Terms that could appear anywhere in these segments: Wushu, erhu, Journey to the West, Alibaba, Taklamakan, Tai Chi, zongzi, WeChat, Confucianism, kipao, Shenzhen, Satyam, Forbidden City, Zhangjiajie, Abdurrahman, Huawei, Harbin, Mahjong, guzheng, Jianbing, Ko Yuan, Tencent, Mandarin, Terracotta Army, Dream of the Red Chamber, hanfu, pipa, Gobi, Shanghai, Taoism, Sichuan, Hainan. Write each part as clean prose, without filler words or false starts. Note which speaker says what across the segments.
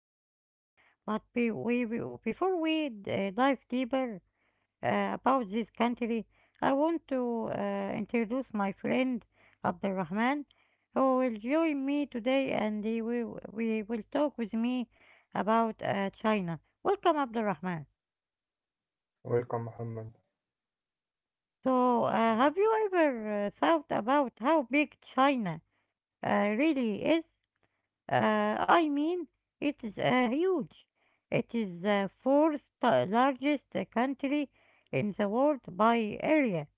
Speaker 1: China. But be- we- before we d- dive deeper, about this country, I want to introduce my friend Abdurrahman, who will join me today and he will, we will talk with me about China. Welcome, Abdurrahman.
Speaker 2: Welcome, Muhammad.
Speaker 1: So, have you ever thought about how big China really is? I mean, it is huge. It is the largest country in the world by area,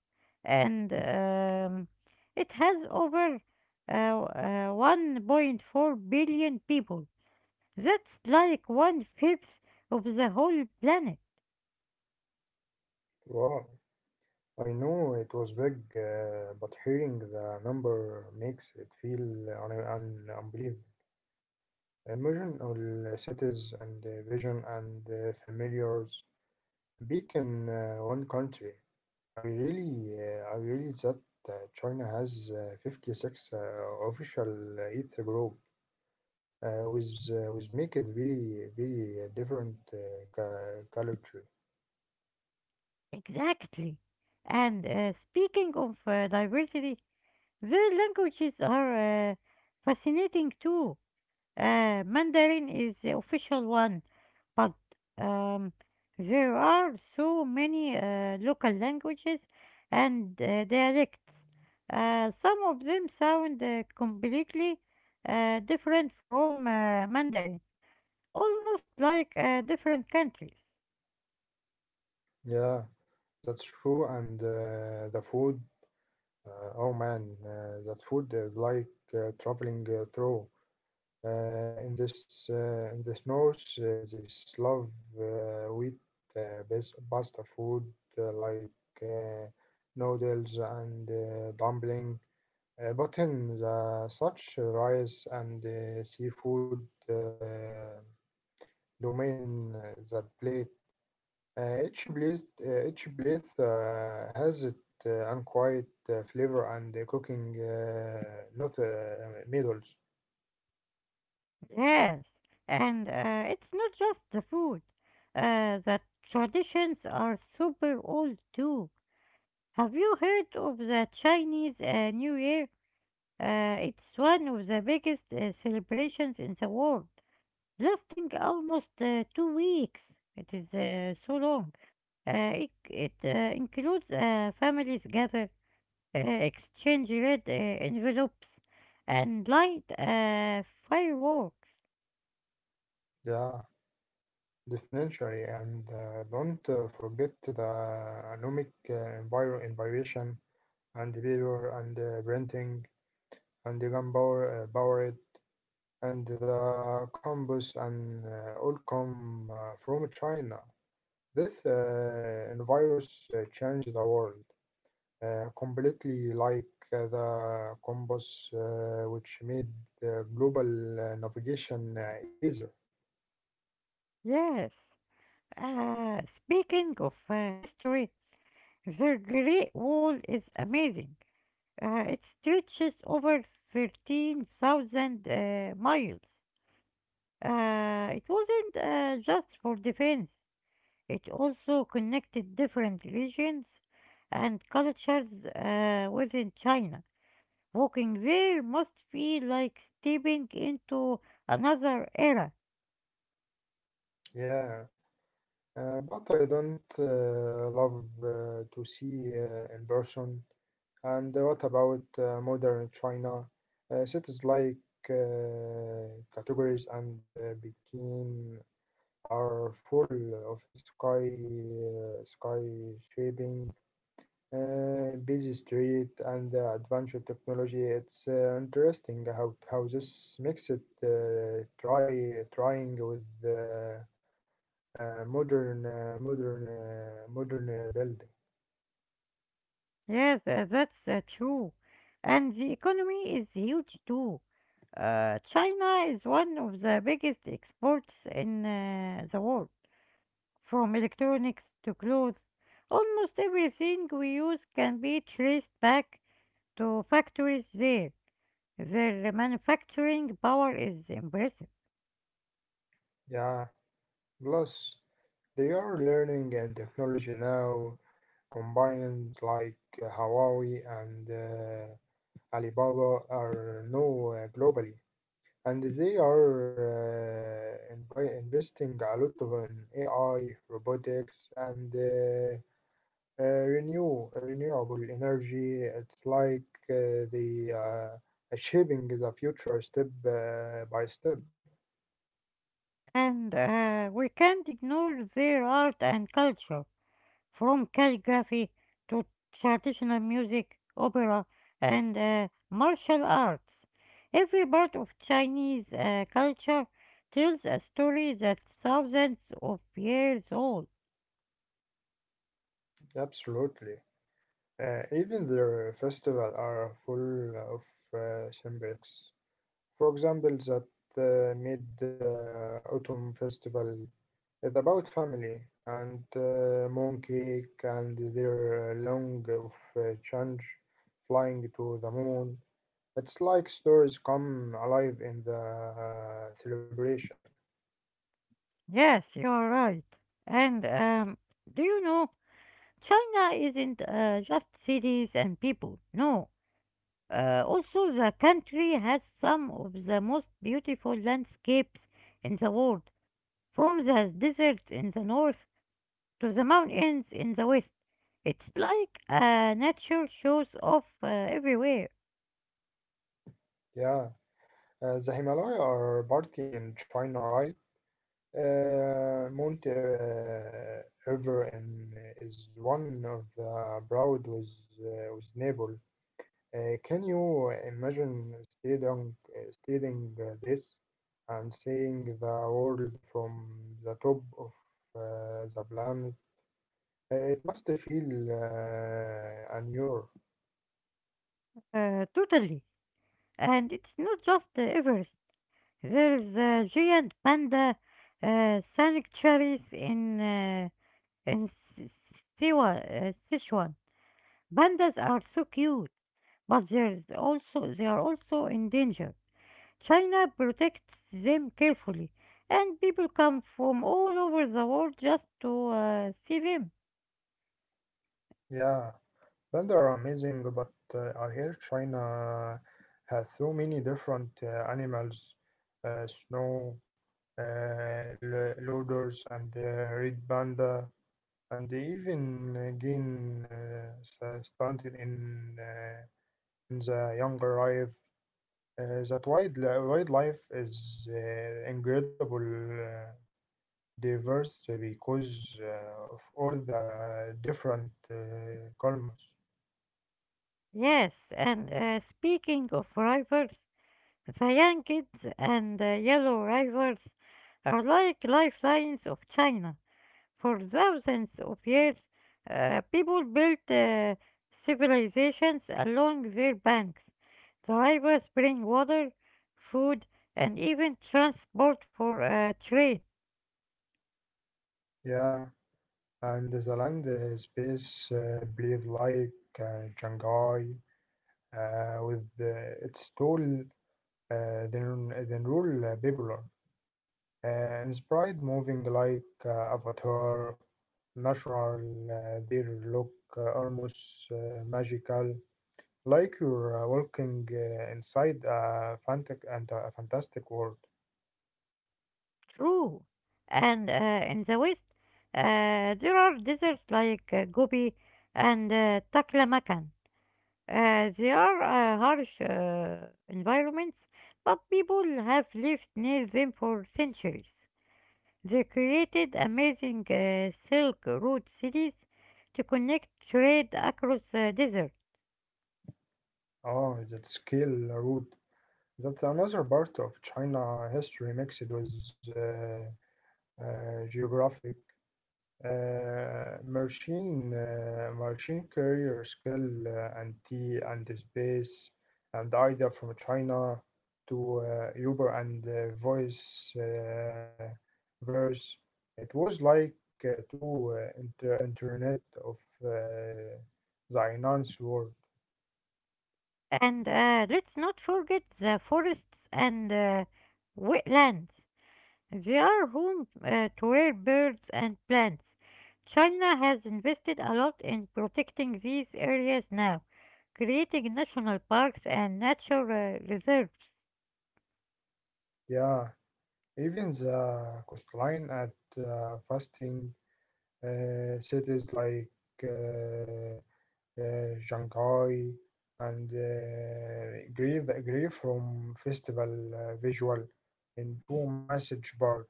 Speaker 1: and it has over 1.4 billion people. That's like one fifth of the whole planet.
Speaker 2: Wow, I know it was big, but hearing the number makes it feel unbelievable. Imagine all cities and vision and familiars back in one country. I really, I really thought uh, China has 56 official Ether group, with make it very, very different culture.
Speaker 1: Exactly. And speaking of diversity, their languages are fascinating too. Mandarin is the official one, but um, there are so many local languages and dialects. Some of them sound completely different from Mandarin, almost like different countries.
Speaker 2: Yeah. That's true, and the food, oh man, that food is like traveling through. In this north, they love wheat pasta food uh, like uh, noodles and dumpling. But in the such rice and seafood uh, domain, that plate. Each place has its own quiet flavor and cooking, not medals.
Speaker 1: Yes, and it's not just the food. The traditions are super old too. Have you heard of the Chinese New Year? It's one of the biggest celebrations in the world, lasting almost 2 weeks. It is so long. It includes families gather, exchange red envelopes, and light fireworks.
Speaker 2: Yeah, definitely. And don't forget the anomic enviration and the paper and printing and the gunpowder powered and the compass and all come from China. This virus changed the world completely, like the compass, which made global navigation easier.
Speaker 1: Yes. Speaking of history, the Great Wall is amazing. It stretches over 13,000 miles. It wasn't just for defense, it also connected different regions and cultures within China. Walking there must be like stepping into another era.
Speaker 2: Yeah, but I don't love to see in person. And what about modern China? Cities like uh, categories and Peking are full of sky shaping, busy street and the advanced technology. It's interesting how this makes it trying with the modern building.
Speaker 1: Yes, that's true. And the economy is huge too. China is one of the biggest exports in the world. From electronics to clothes, almost everything we use can be traced back to factories there. Their manufacturing power is impressive.
Speaker 2: Yeah, plus they are learning and technology now, combining like Huawei and Alibaba are now globally. And they are investing a lot of in AI, robotics, and renewable energy. It's like the shaping the future step by step.
Speaker 1: And we can't ignore their art and culture, from calligraphy to traditional music, opera, and martial arts. Every part of Chinese culture tells a story that's thousands of years old.
Speaker 2: Absolutely. Even their festival are full of symbols. For example, that mid autumn festival. It's about family and monkey and their long of change flying to the moon. It's like stories come alive in the celebration.
Speaker 1: Yes, you're right. And do you know, China isn't just cities and people. No. Also, the country has some of the most beautiful landscapes in the world, from the deserts in the north to the mountains in the west. It's like nature shows off everywhere,
Speaker 2: Yeah, the Himalaya are party in China, right? Mount Ever in, is one of the proud with Nepal. Can you imagine studying, studying this and seeing the world from the top of the planet? It must feel unreal.
Speaker 1: totally. And it's not just the Everest. There's the giant panda sanctuaries in in Sichuan. Pandas are so cute, but they are also in danger. China protects them carefully, and people come from all over the world just to see them.
Speaker 2: Yeah, plants are amazing, but I hear China has so many different animals: snow, loaders, and red panda. And they even gain started in the younger life. Wildlife is incredible, diverse because of all the different colours.
Speaker 1: Yes, and speaking of rivals, the young and the yellow rivals are like lifelines of China. For thousands of years, people built civilizations along their banks. The rivers bring water, food, and even transport for trade.
Speaker 2: Yeah, and the land space believe like Shanghai with its tall then rule people. Inspired moving like Avatar, natural, their look almost magical, like you're walking inside a fantastic world.
Speaker 1: True. And in the west, there are deserts like Gobi and Taklamakan. They are harsh environments, but people have lived near them for centuries. They created amazing Silk Road cities to connect trade across the desert.
Speaker 2: Oh, that scale route. That's another part of China history mixed with uh, geographic. Machine career skill and tea and space and the idea from China to Uber and voice verse. It was like two internet of uh, the finance world.
Speaker 1: And let's not forget the forests and wetlands. They are home to rare birds and plants. China has invested a lot in protecting these areas now, creating national parks and nature reserves.
Speaker 2: Yeah, even the coastline at fasting cities like Uh, Shanghai, and Grey from Festival Visual into Message Board.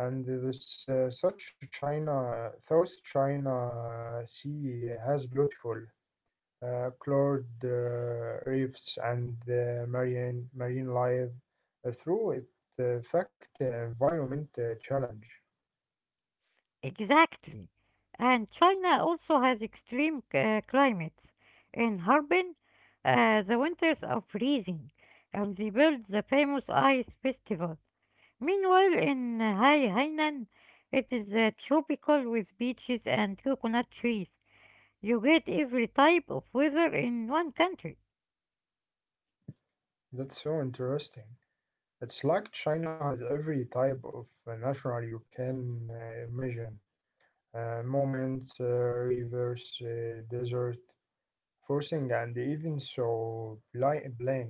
Speaker 2: And this South China Sea has beautiful colored reefs and marine life through it. Fact environment challenge.
Speaker 1: Exactly. And China also has extreme climates. In Harbin, the winters are freezing, and they built the famous Ice Festival. Meanwhile, in Hainan, it is tropical with beaches and coconut trees. You get every type of weather in one country.
Speaker 2: That's so interesting. It's like China has every type of natural you can imagine: mountains, rivers, desert, forcing, and even plain.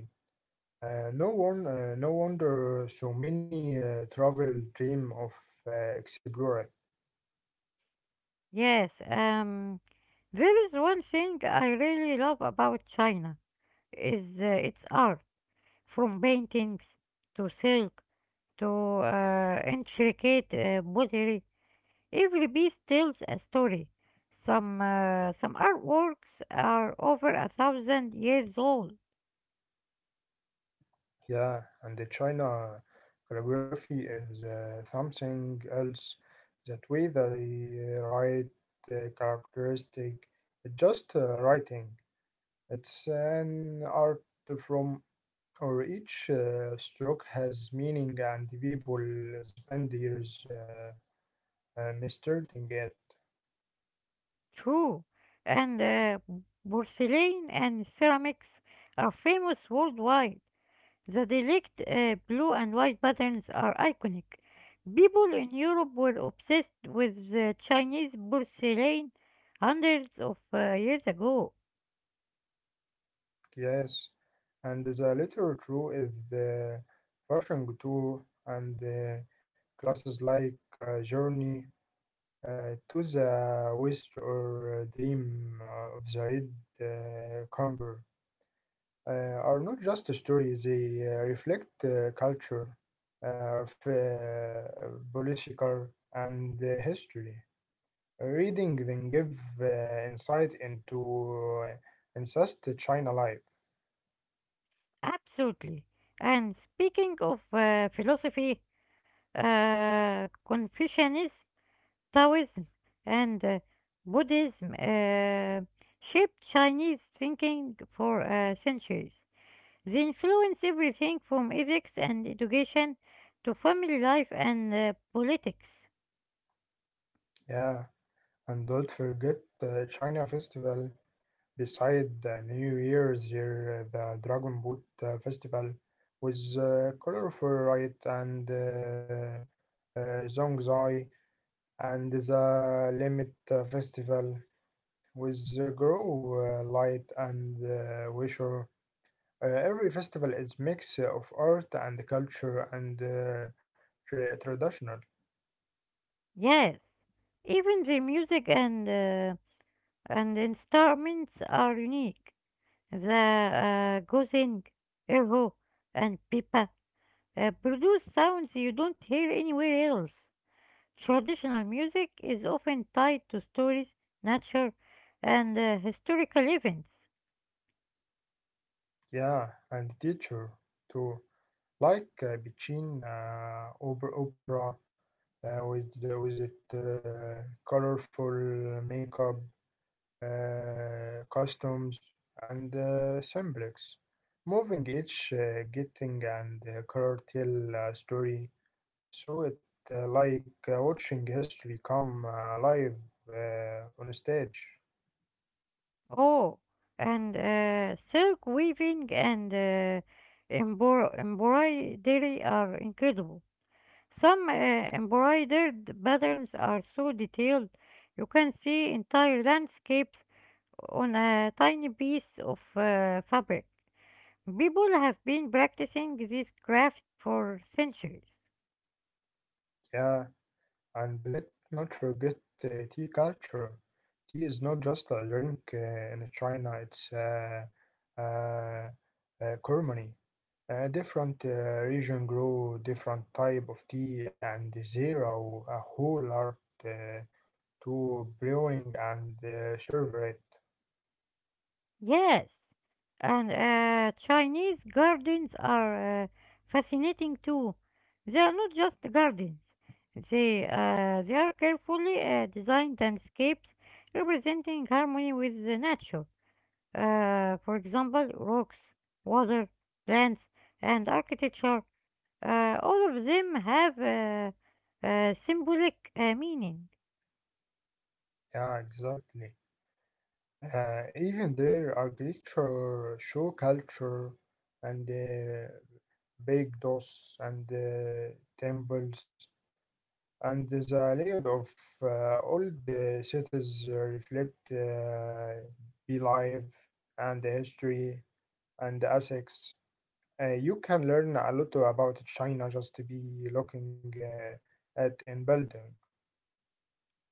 Speaker 2: No wonder so many travel dream of exploring.
Speaker 1: Yes, there is one thing I really love about China is its art, from paintings to silk to intricate pottery, every piece tells a story. Some artworks are over a thousand years old,
Speaker 2: Yeah, and the China calligraphy is something else. That way they write characteristic, just writing. It's an art from, or each stroke has meaning and people spend years mastering it.
Speaker 1: true, and porcelain and ceramics are famous worldwide. The delicate blue and white patterns are iconic. People in Europe were obsessed with the Chinese porcelain hundreds of years ago.
Speaker 2: Yes, and the literature is the fashion too, and classes like Journey to the West or Dream of the Red Camper, uh, are not just stories, they reflect culture, political, and history. Reading them give insight into incest China life.
Speaker 1: Absolutely. And speaking of philosophy, Confucianism, Taoism, and Buddhism shaped Chinese thinking for centuries. They influence everything from ethics and education to family life and politics.
Speaker 2: Yeah, and don't forget China Festival. Beside the New Year's, here, the Dragon Boat Festival with colorful light and zhongzai, and the Limit Festival with the Grow Light and Wisher. Every festival is mix of art and culture and traditional,
Speaker 1: Yes, even their music and instruments are unique. The guzheng, erhu, and pipa produce sounds you don't hear anywhere else. Traditional music is often tied to stories, nature, and historical events.
Speaker 2: yeah, and teacher too, like Bichin opera with it colorful makeup, customs, and simplex. Moving each, getting and curtail story, so it like watching history come live on stage.
Speaker 1: Oh, and silk weaving and embroidery are incredible. Some embroidered patterns are so detailed you can see entire landscapes on a tiny piece of fabric. People have been practicing this craft for centuries.
Speaker 2: Yeah, and let not forget tea culture. Tea is not just a drink in China; it's uh, a ceremony. Different region grow different type of tea and there are a whole art uh, to brewing and serve it.
Speaker 1: Yes, and Chinese gardens are fascinating too. They are not just gardens. They are carefully designed landscapes representing harmony with the nature. For example, rocks, water, plants, and architecture. All of them have symbolic meaning.
Speaker 2: Yeah, exactly. Even their agriculture show culture and big doors and temples and the layout of old cities reflect belief and history and assets. You can learn a lot about China just to be looking at in building.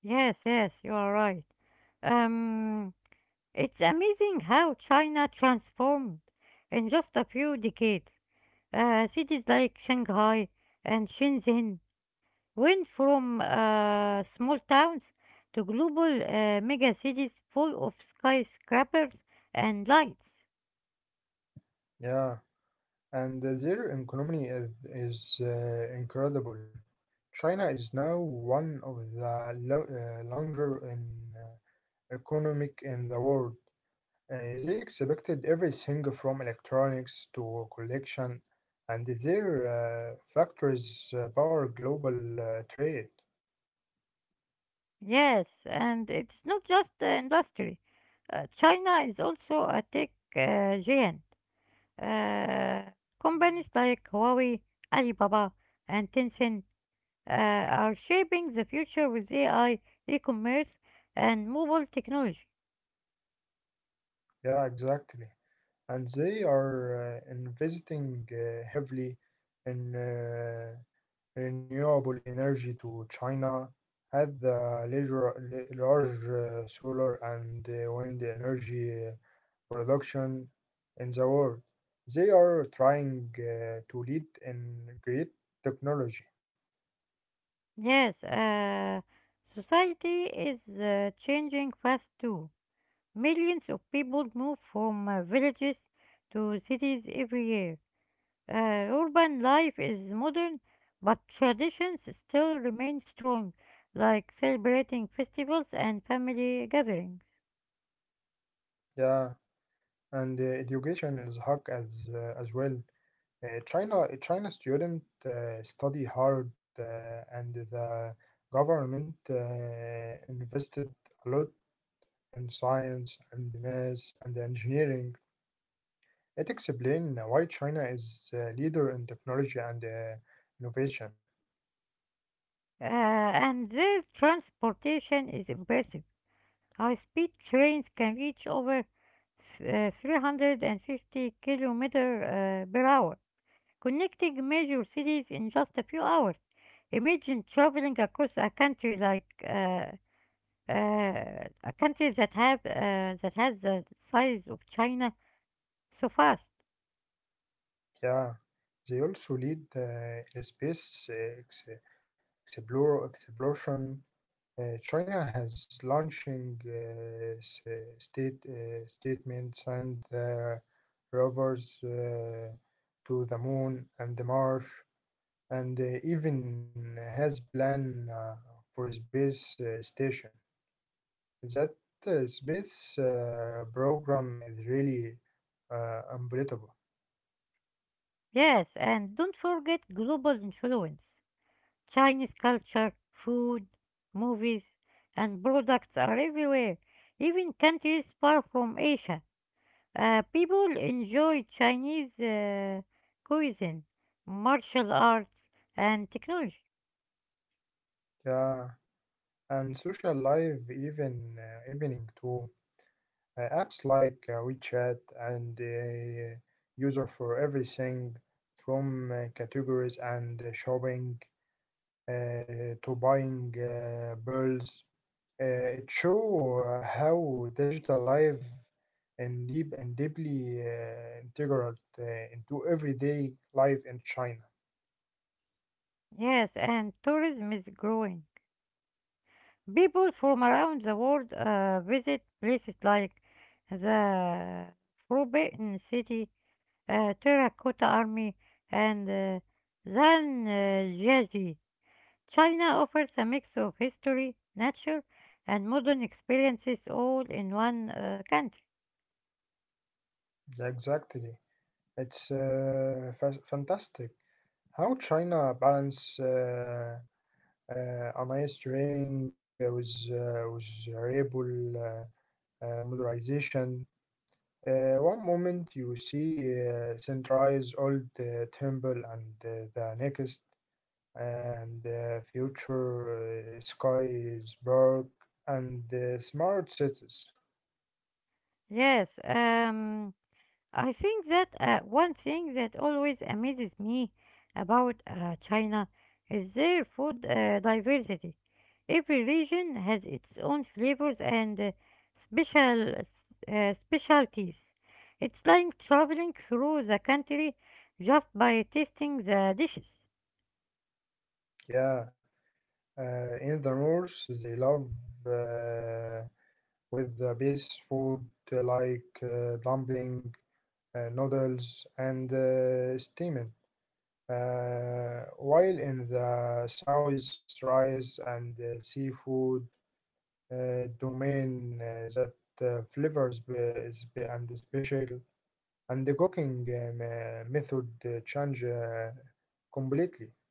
Speaker 1: Yes, you are right. Um, it's amazing how China transformed in just a few decades. Cities like Shanghai and Shenzhen went from small towns to global mega cities full of skyscrapers and lights.
Speaker 2: Yeah, and their economy is incredible. China is now one of the larger in, uh, economic in the world. They expected everything from electronics to collection, and their factories power global trade.
Speaker 1: Yes, and it's not just industry. China is also a tech giant. Uh, Companies like Huawei, Alibaba, and Tencent are shaping the future with AI, e-commerce, and mobile technology.
Speaker 2: Yeah, exactly, and they are investing heavily in renewable energy. To China had the large solar and wind energy production in the world. They are trying to lead in great technology.
Speaker 1: Yes, society is changing fast too. Millions of people move from villages to cities every year. Urban life is modern, but traditions still remain strong, like celebrating festivals and family gatherings.
Speaker 2: Yeah, and education is hug as well. China student study hard, and the government invested a lot in science and math and engineering. It explains why China is a leader in technology and innovation.
Speaker 1: And their transportation is impressive. High speed trains can reach over f- 350 kilometers per hour, connecting major cities in just a few hours. Imagine traveling across uh, a country that have that has the size of China so fast.
Speaker 2: Yeah, they also lead in space ex- exploration. China has launching state statements and rovers to the moon and the Mars, and even has plan for a space station. That space program is really unbelievable.
Speaker 1: Yes, and don't forget global influence. Chinese culture, food, movies, and products are everywhere. Even countries far from Asia, people enjoy Chinese cuisine, martial arts, and technology.
Speaker 2: Yeah, and social life even evening too. Apps like WeChat and User for everything from categories and shopping to buying pearls. Uh, it show how digital life and deeply integral uh, into everyday life in China.
Speaker 1: Yes, and tourism is growing. People from around the world visit places like the Forbidden City, Terracotta Army, and Zhangjiajie. China offers a mix of history, nature, and modern experiences all in one country.
Speaker 2: Exactly, it's fantastic how China balance a nice training with variable modularization. One moment you see centralized old temple and the next, and future sky is dark and smart cities.
Speaker 1: Yes, I think that one thing that always amazes me about China is their food diversity. Every region has its own flavors and special specialties. It's like traveling through the country just by tasting the dishes.
Speaker 2: Yeah, in the north they love uh, with the base food dumpling, noodles, and steaming. While in the south, rice and seafood domain that flavors and special, and the cooking method change completely,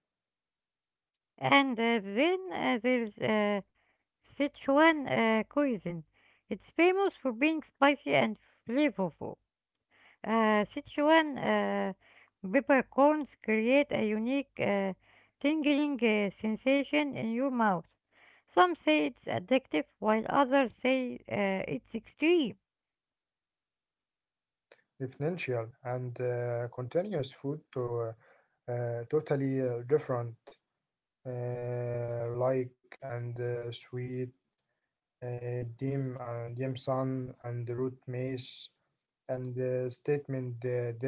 Speaker 1: And then there's Sichuan cuisine. It's famous for being spicy and flavorful. Sichuan peppercorns create a unique tingling sensation in your mouth. Some say it's addictive, while others say it's extreme.
Speaker 2: differential and continuous food to totally different, like and sweet. uh, Dimson and root mace and statement dish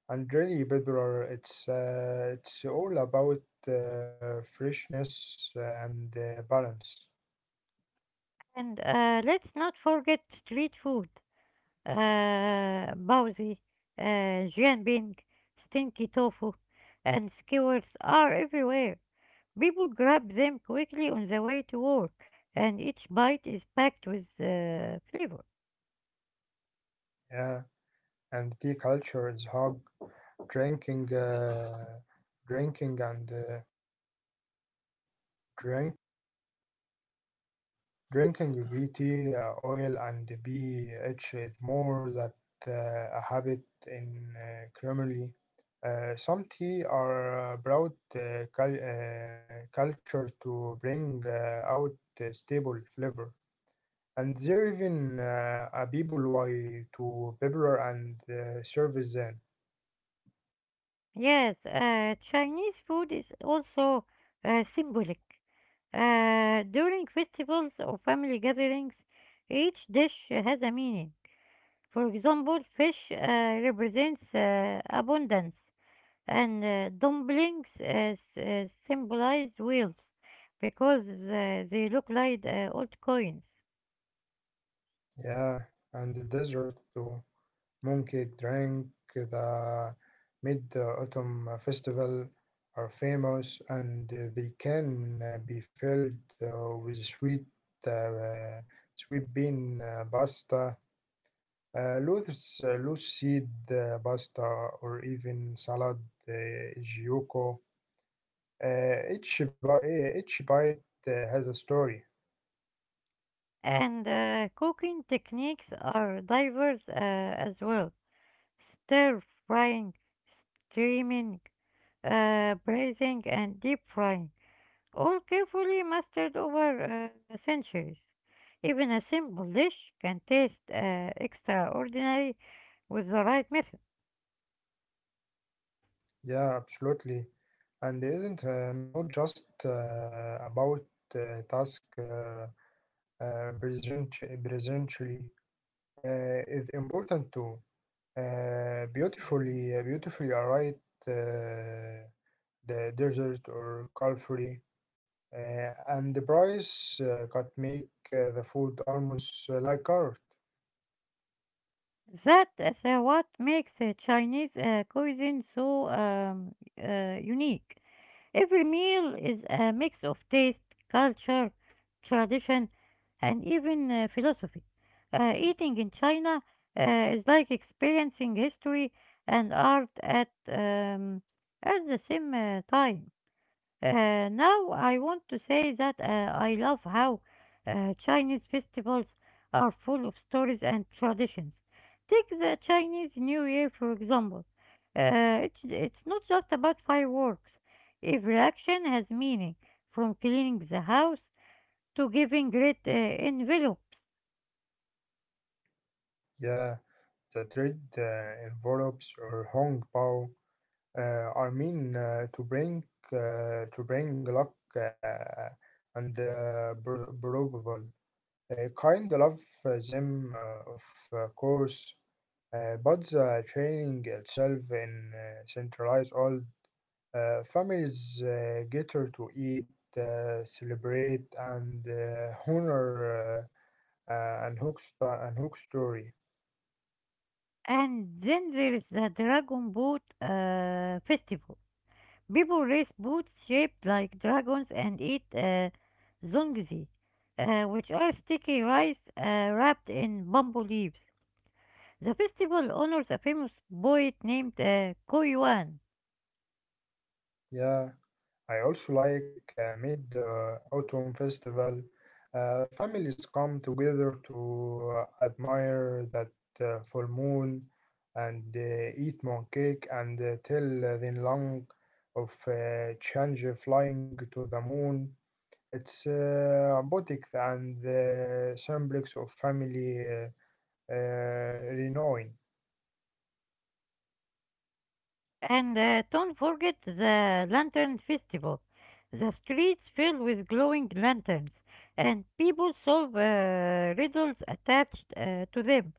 Speaker 2: and really popular. It's all about freshness and balance.
Speaker 1: And let's not forget street food. Bowsy, uh, Jianbing, stinky tofu, and skewers are everywhere. People grab them quickly on the way to work, and each bite is packed with flavor.
Speaker 2: Yeah, and tea culture is how drinking, uh, drinking and uh, drink drinking green tea, oil and BH is more that a habit in creamery. Some tea are broad culture to bring out a stable flavor, and there even a people why to pepper and servizan.
Speaker 1: Yes, Chinese food is also symbolic. During festivals or family gatherings, each dish has a meaning. For example, fish represents abundance, and dumplings symbolize wealth because they look like old coins.
Speaker 2: Yeah, and the desert to monkey drink the mid autumn festival are famous and they can be filled with sweet uh, bean pasta, loose seed pasta, or even salad uh, gioco. Each bite has a story.
Speaker 1: And cooking techniques are diverse as well. Stir frying, steaming, braising, and deep frying, all carefully mastered over centuries. Even a simple dish can taste extraordinary with the right method.
Speaker 2: Yeah, absolutely. And it isn't not just about task uh, present, presently. Uh, it's important to beautifully write uh, the desert or culture. And the price could make the food almost like art.
Speaker 1: That is so what makes Chinese cuisine so unique. Every meal is a mix of taste, culture, tradition, and even philosophy. Eating in China is like experiencing history and art at the same time. Now I want to say that I love how Chinese festivals are full of stories and traditions. Take the Chinese New Year for example. It's not just about fireworks. Every action has meaning, from cleaning the house to giving great envelopes.
Speaker 2: Yeah, the trade envelopes or Hong Bao are mean to bring luck and probable. Kind love of course, but the training itself in centralize all. Families gather to eat, celebrate, and honor an hook story.
Speaker 1: And then there is the Dragon Boat Festival. People raise boots shaped like dragons and eat zongzi, which are sticky rice wrapped in bamboo leaves. The festival honors a famous poet named Ko Yuan.
Speaker 2: Yeah, I also like mid autumn festival. Families come together to admire that full moon and eat moon cake and tell the long of change flying to the moon. It's robotic and the semblance of family uh, renown.
Speaker 1: And don't forget the Lantern Festival. The streets fill with glowing lanterns, and people solve riddles attached to them.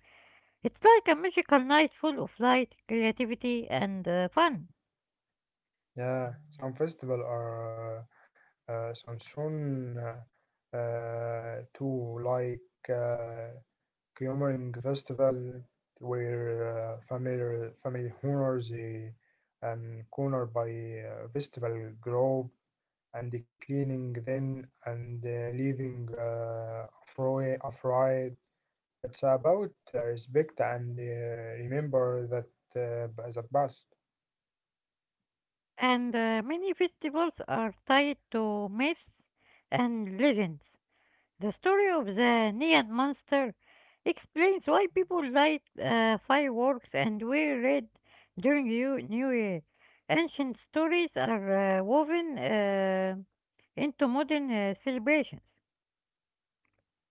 Speaker 1: It's like a magical night full of light, creativity, and fun.
Speaker 2: Yeah, some festival are some soon too, like Qumran festival where family honors the and corner by festival grove and the cleaning then and leaving afraid It's about respect and remember that that past.
Speaker 1: And many festivals are tied to myths and legends. The story of the Neon Monster explains why people light fireworks and wear red during New Year. Ancient stories are woven into modern celebrations.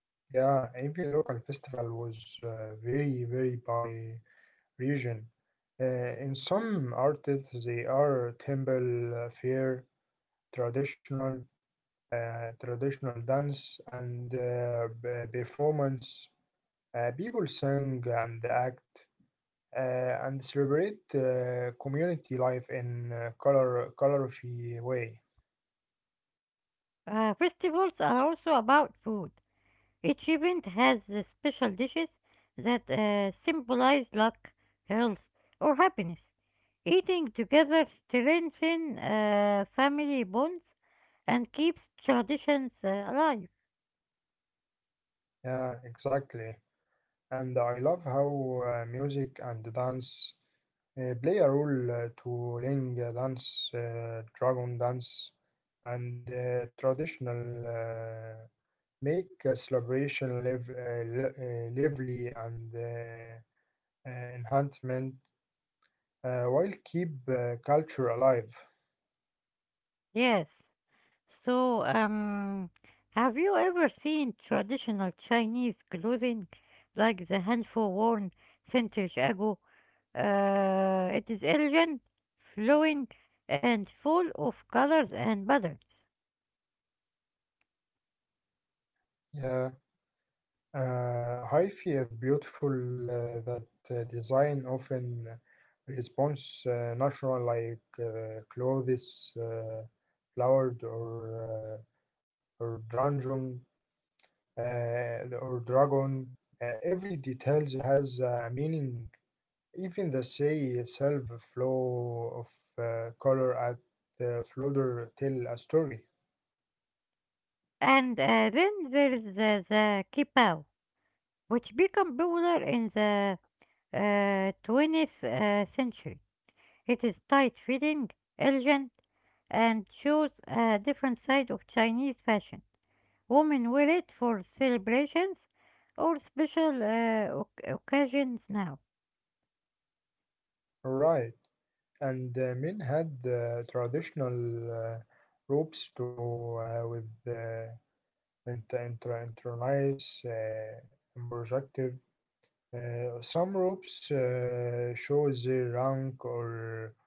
Speaker 2: Yeah, even local festival was very very by region. In some artists, they are temple fair, traditional, traditional dance and performance. People sing and act and celebrate community life in colorful way.
Speaker 1: Festivals are also about food. Each event has special dishes that symbolize luck, health, or happiness. Eating together strengthens family bonds and keeps traditions alive.
Speaker 2: Yeah, exactly. And I love how music and dance play a role to link dance, dragon dance, and traditional make a celebration live, lively and enhancement while keep culture alive.
Speaker 1: Yes. So, um, have you ever seen traditional Chinese clothing like the handful worn centuries ago? It is elegant, flowing, and full of colors and patterns.
Speaker 2: Yeah. Hyphy is beautiful that design often responds natural like clothes, flowered or dragon or dragon. Every details has a meaning. Even the say itself, flow of color at the floater tell a story.
Speaker 1: And Then there is the kipao, which became popular in the 20th century. It is tight fitting, elegant, and shows a different side of Chinese fashion. Women wear it for celebrations or special occasions now.
Speaker 2: Right, and men had traditional uh, ropes to with intraneous and projective. Some ropes show their rank or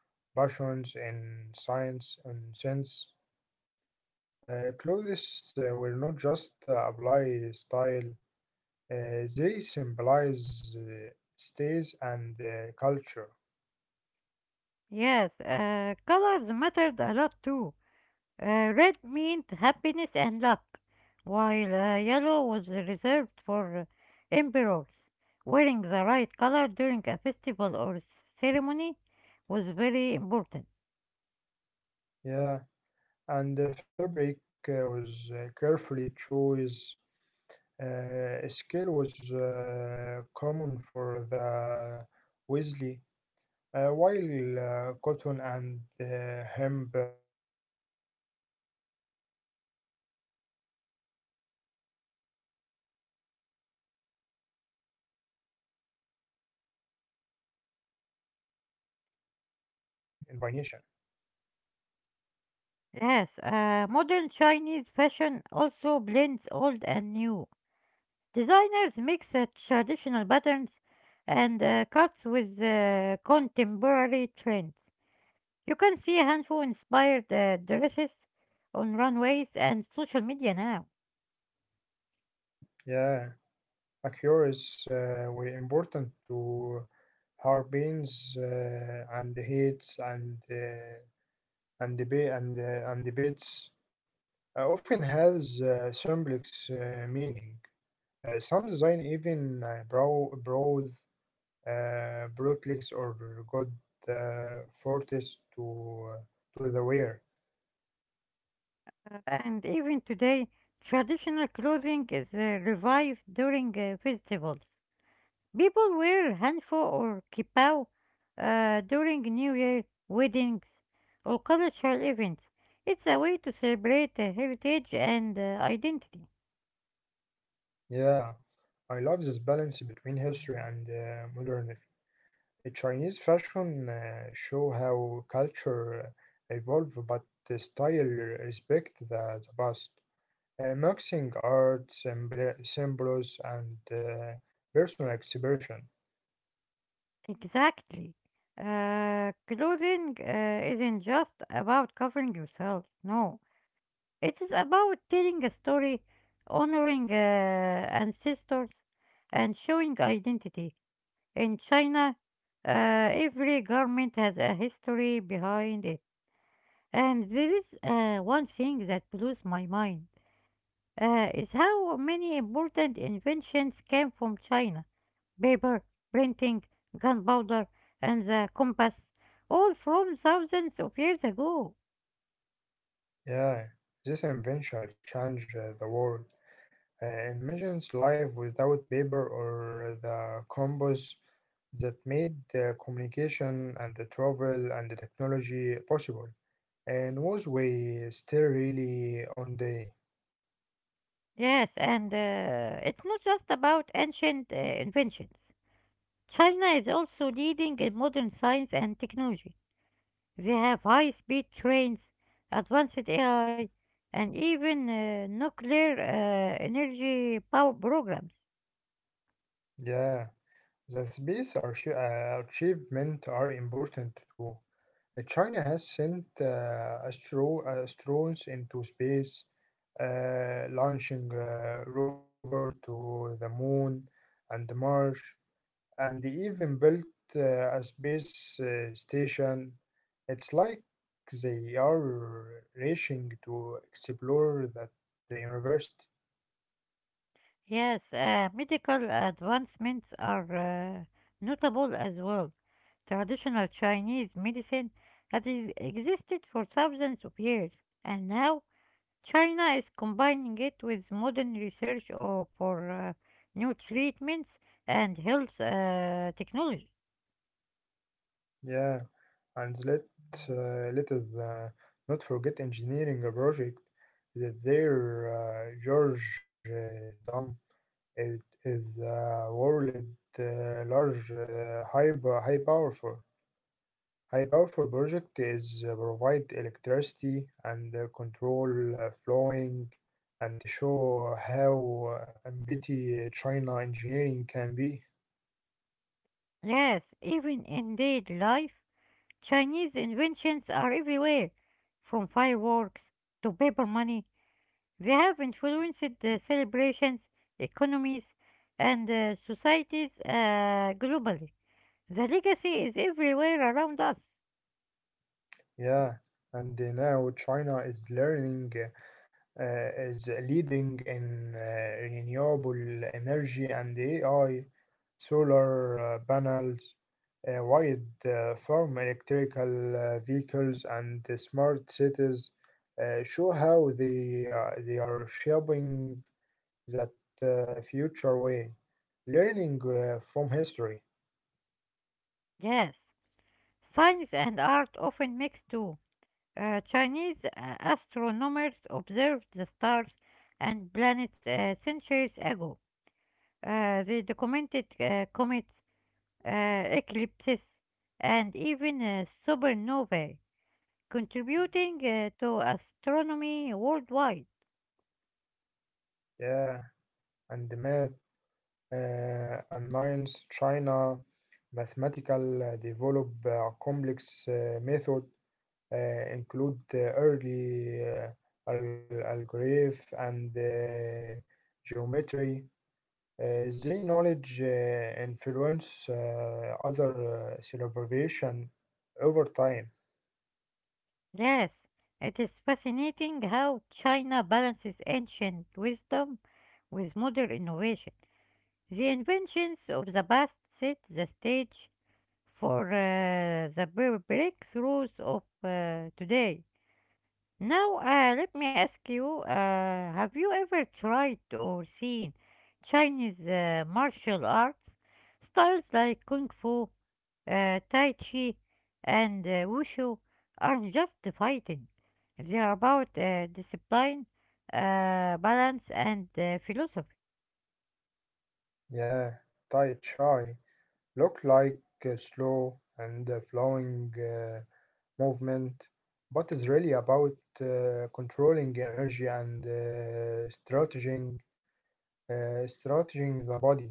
Speaker 2: passions in science and sense. Clothes will not just apply style, they symbolize states and culture.
Speaker 1: Yes, colors mattered a lot too. Red meant happiness and luck, while yellow was reserved for emperors. Wearing the right color during a festival or ceremony was very important.
Speaker 2: Yeah, and the fabric was carefully choice. Scale was common for the Weasley, while cotton and hemp were for everyday life. Scale production itself and an answer. A Chinese invention.
Speaker 1: Yes, modern Chinese fashion also blends old and new. Designers mix traditional patterns and cuts with contemporary trends. You can see Hanfu inspired dresses on runways and social media now.
Speaker 2: Yeah. Mercurius were important to Harbians and Heats and debate and debates often has symbolic meaning. Some design even brow broad, brooklegs or god forties to the wear.
Speaker 1: And even today, traditional clothing is revived during festivals. People wear hanfo or kippah during New Year, weddings, or cultural events. It's a way to celebrate heritage and identity.
Speaker 2: Yeah, I love this balance between history and modernity. A Chinese fashion show how culture evolve but the style respect the past, mixing art, symbols, and personal expression.
Speaker 1: Exactly. Clothing isn't just about covering yourself. No, it is about telling a story, honoring ancestors, and showing identity. In China, every garment has a history behind it. And there is one thing that blows my mind is how many important inventions came from China. Paper, printing, gunpowder, and the compass, all from thousands of years ago.
Speaker 2: Yeah, this invention changed the world. Imagines life without paper or the combos that made the communication and the travel and the technology possible. And was we still really on the.
Speaker 1: Yes, and it's not just about ancient inventions. China is also leading in modern science and technology. They have high-speed trains, advanced AI, and even nuclear energy power programs.
Speaker 2: Yeah, the space achievement are important too. China has sent astronauts into space, launching a rover to the moon and Mars, and they even built a space station. It's like they are racing to explore that the universe.
Speaker 1: Yes, medical advancements are notable as well. Traditional Chinese medicine has existed for thousands of years, and now China is combining it with modern research or for new treatments and health technology.
Speaker 2: Yeah. And let let us not forget engineering a project that their George Dam, it is world large high powerful project is provide electricity and control flowing and to show how ambitious China engineering can be.
Speaker 1: Yes, even in daily life, Chinese inventions are everywhere, from fireworks to paper money. They have influenced the celebrations, economies, and societies globally. The legacy is everywhere around us.
Speaker 2: Yeah, and now China is learning. Is leading in renewable energy and AI, solar panels, wide farm electrical vehicles, and the smart cities show how they are shaping that future way. Learning from history,
Speaker 1: Yes, science and art often mix too. Chinese astronomers observed the stars and planets centuries ago. They documented comets, eclipses, and even supernovae, contributing to astronomy worldwide.
Speaker 2: yeah, and the math, and science, China, mathematical develop complex method uh, include the early algebra and geometry. Their knowledge influence other civilization over time.
Speaker 1: Yes, it is fascinating how China balances ancient wisdom with modern innovation. The inventions of the past set the stage for the breakthroughs of today. Now, let me ask you, have you ever tried or seen Chinese martial arts styles like Kung Fu, Tai Chi, and Wushu aren't just fighting. They are about discipline, balance, and philosophy.
Speaker 2: Yeah, Tai Chi look like a slow and flowing movement, but is really about controlling energy and strategizing the body.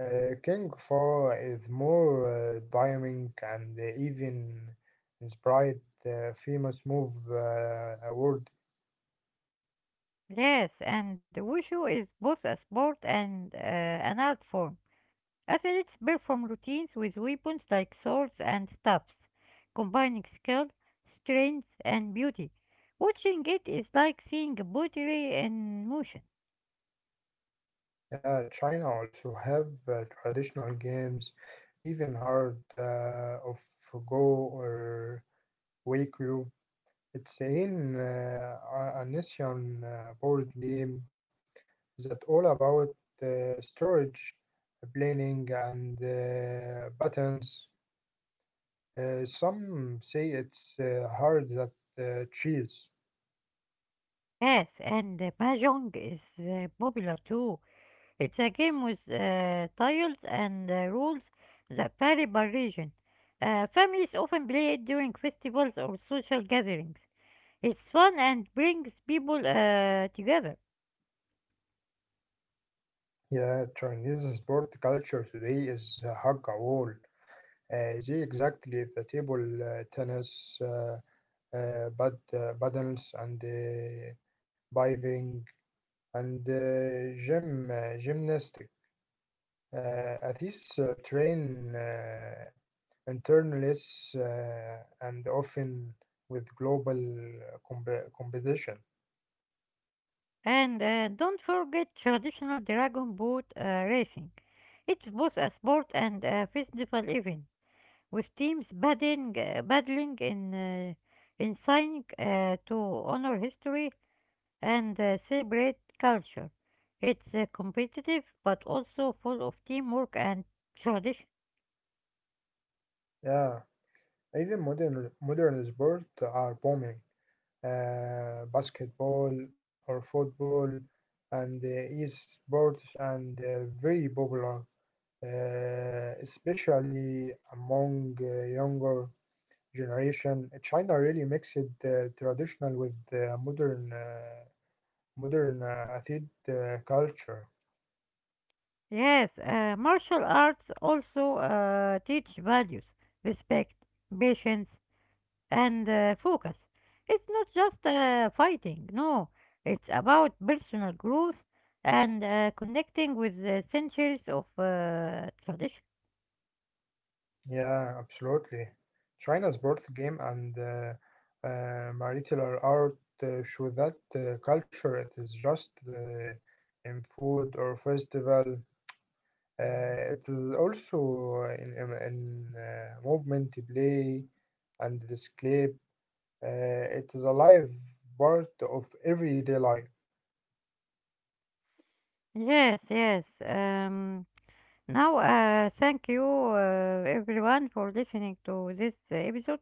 Speaker 2: King Far is more dynamic and even inspired the famous move award.
Speaker 1: Yes, and Wushu is both a sport and an art form. Athletes perform routines with weapons like swords and staffs, combining skill, strength, and beauty. Watching it is like seeing pottery in motion.
Speaker 2: Yeah, China also have traditional games, even hard of Go or Wakyu. It's a nation board game that all about storage, planning, and buttons. Some say it's hard that cheese.
Speaker 1: Yes, and Mahjong is popular too. It's a game with tiles and rules that vary by region. Families often play it during festivals or social gatherings. It's fun and brings people together.
Speaker 2: Yeah, Chinese sport culture today is hug a wall. They exactly the table tennis, paddles, and diving, and gym gymnastic. Uh, Athletes train internalists and often with global competition.
Speaker 1: And don't forget traditional dragon boat racing. It's both a sport and a festival event, with teams battling in sign to honor history and celebrate culture. It's competitive but also full of teamwork and tradition.
Speaker 2: Yeah. Even modern sports are booming. Basketball or football and esports and very popular, especially among younger generation. China really mixed traditional with modern athlete culture.
Speaker 1: Yes, martial arts also teach values, respect, patience, and focus. It's not just fighting, no, it's about personal growth and connecting with the centuries of tradition.
Speaker 2: Yeah, absolutely. China's birth game and martial art show that culture it is just in food or festival. Uh, it is also in movement, play, and display. It is a live part of everyday life.
Speaker 1: Yes, yes. Now, thank you everyone for listening to this episode.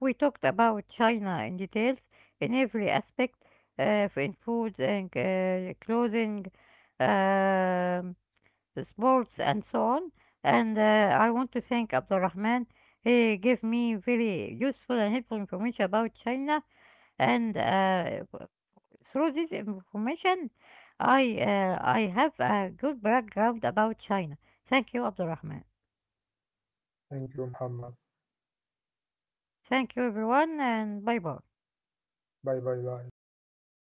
Speaker 1: We talked about China in details in every aspect, uh, in food and clothing. Um, the sports and so on. And I want to thank Abdulrahman. He gave me very useful and helpful information about China. And uh, w- Through this information, I have a good background about China. Thank you, Abdulrahman.
Speaker 2: Thank you, Muhammad.
Speaker 1: Thank you, everyone, and bye bye.
Speaker 2: Bye bye, guys.